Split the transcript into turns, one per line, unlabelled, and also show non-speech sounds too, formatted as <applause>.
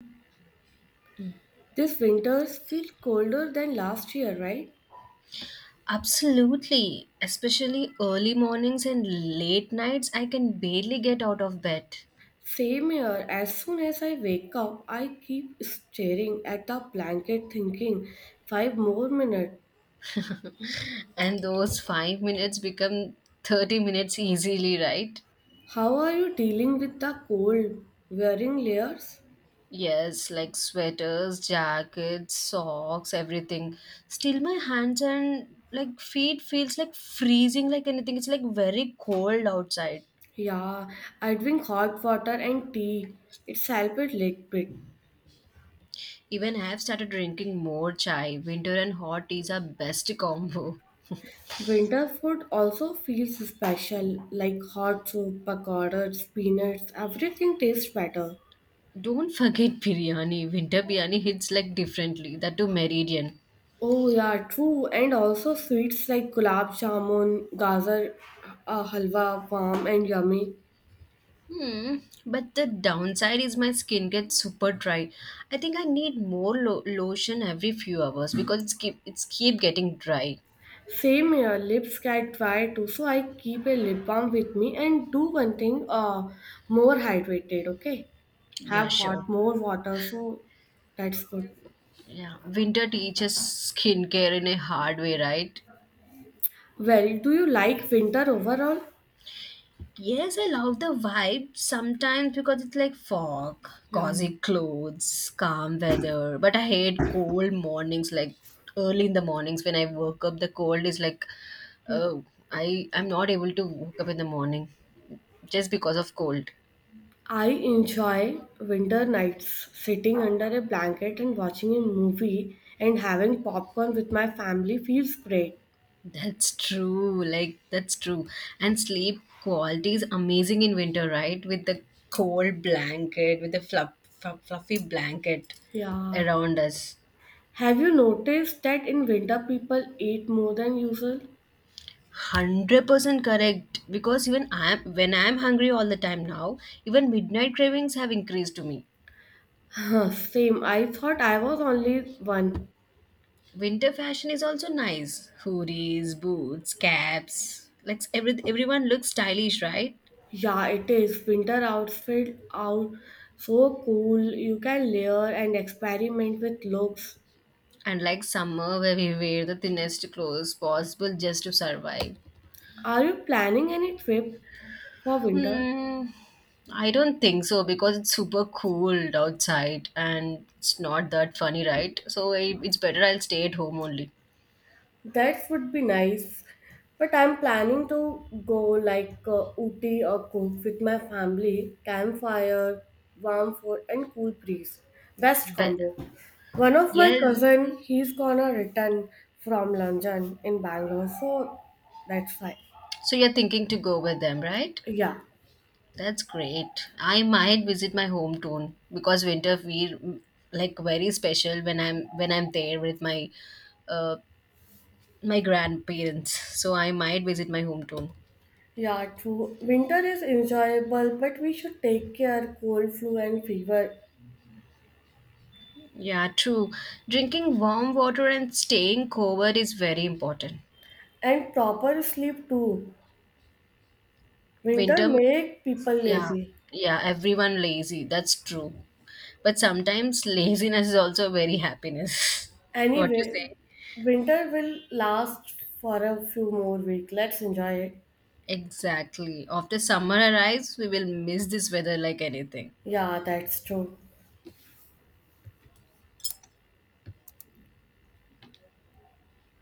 This winters feel colder than last year, right?
Absolutely, especially early mornings and late nights, I can barely get out of bed.
Same here. As soon as I wake up, I keep staring at the blanket thinking, five more minutes.
And those 5 minutes become 30 minutes easily, right?
How are you dealing with the cold? Wearing layers?
Yes, like sweaters, jackets, socks, everything. Still, my hands and like feet feels like freezing like anything. It's like very cold outside.
Yeah, I drink hot water and tea. It's helped a little bit.
Even I have started drinking more chai. Winter and hot teas are best <laughs> combo.
Winter food also feels special, like hot soup, pakoras, peanuts, everything tastes better.
Don't forget biryani. Winter biryani hits like differently. That too meridian.
Oh yeah, true. And also sweets like gulab jamun, gajar halwa, warm and yummy.
Hmm. But the downside is my skin gets super dry. I think I need more lotion every few hours because it's keep getting dry.
Same here, lips get dry too, so I keep a lip balm with me and do one thing, more hydrated, okay?
Yeah,
Have
sure.
what more water, so that's good.
Yeah, winter teaches skincare in a hard way, right?
Well, do you like winter overall?
Yes, I love the vibe sometimes because it's like fog,
Yeah.
cozy clothes, calm weather. But I hate cold mornings, like early in the mornings when I woke up. The cold is like, oh, I I'm not able to wake up in the morning just because of cold.
I enjoy winter nights sitting under a blanket and watching a movie and having popcorn with my family feels great.
That's true. Like that's true. And sleep quality is amazing in winter, right? With the cold blanket, with the fluffy blanket
Yeah.
around us.
Have you noticed that in winter people eat more than usual?
100% correct, because even I am when I am hungry all the time now. Even midnight cravings have increased to me.
Huh, same. I thought I was only one.
Winter fashion is also nice, hoodies, boots, caps, like everyone looks stylish, right?
Yeah, it is. Winter outfit out so cool. You can layer and experiment with looks.
And like summer where we wear the thinnest clothes possible just to survive.
Are you planning any trip for winter?
hmm I don't think so, because it's super cold outside and it's not that funny, right? So it's better, I'll stay at home only.
That would be nice. But I'm planning to go like, Ooty or Cook with my family. Campfire, warm food, and cool breeze. Best
But
combo. One of my
yes.
cousin, he's gonna return from London in Bangalore, so that's fine.
So you're thinking to go with them, right?
Yeah,
That's great. I might visit my hometown because winter feel like very special when I'm there with uh, my grandparents. So I might visit my hometown.
yeah, true. Winter is enjoyable, but we should take care cold, flu, and fever,
Yeah, true. Drinking warm water and staying covered is very important.
and proper sleep too. Winter
Winter,
make people
yeah,
lazy.
yeah, everyone lazy. That's true. But sometimes <laughs> laziness is also very happiness. <laughs> What you
Anyway,
say?
winter will last for a few more weeks. Let's enjoy it.
Exactly. After summer arrives, we will miss this weather like anything.
Yeah, that's true.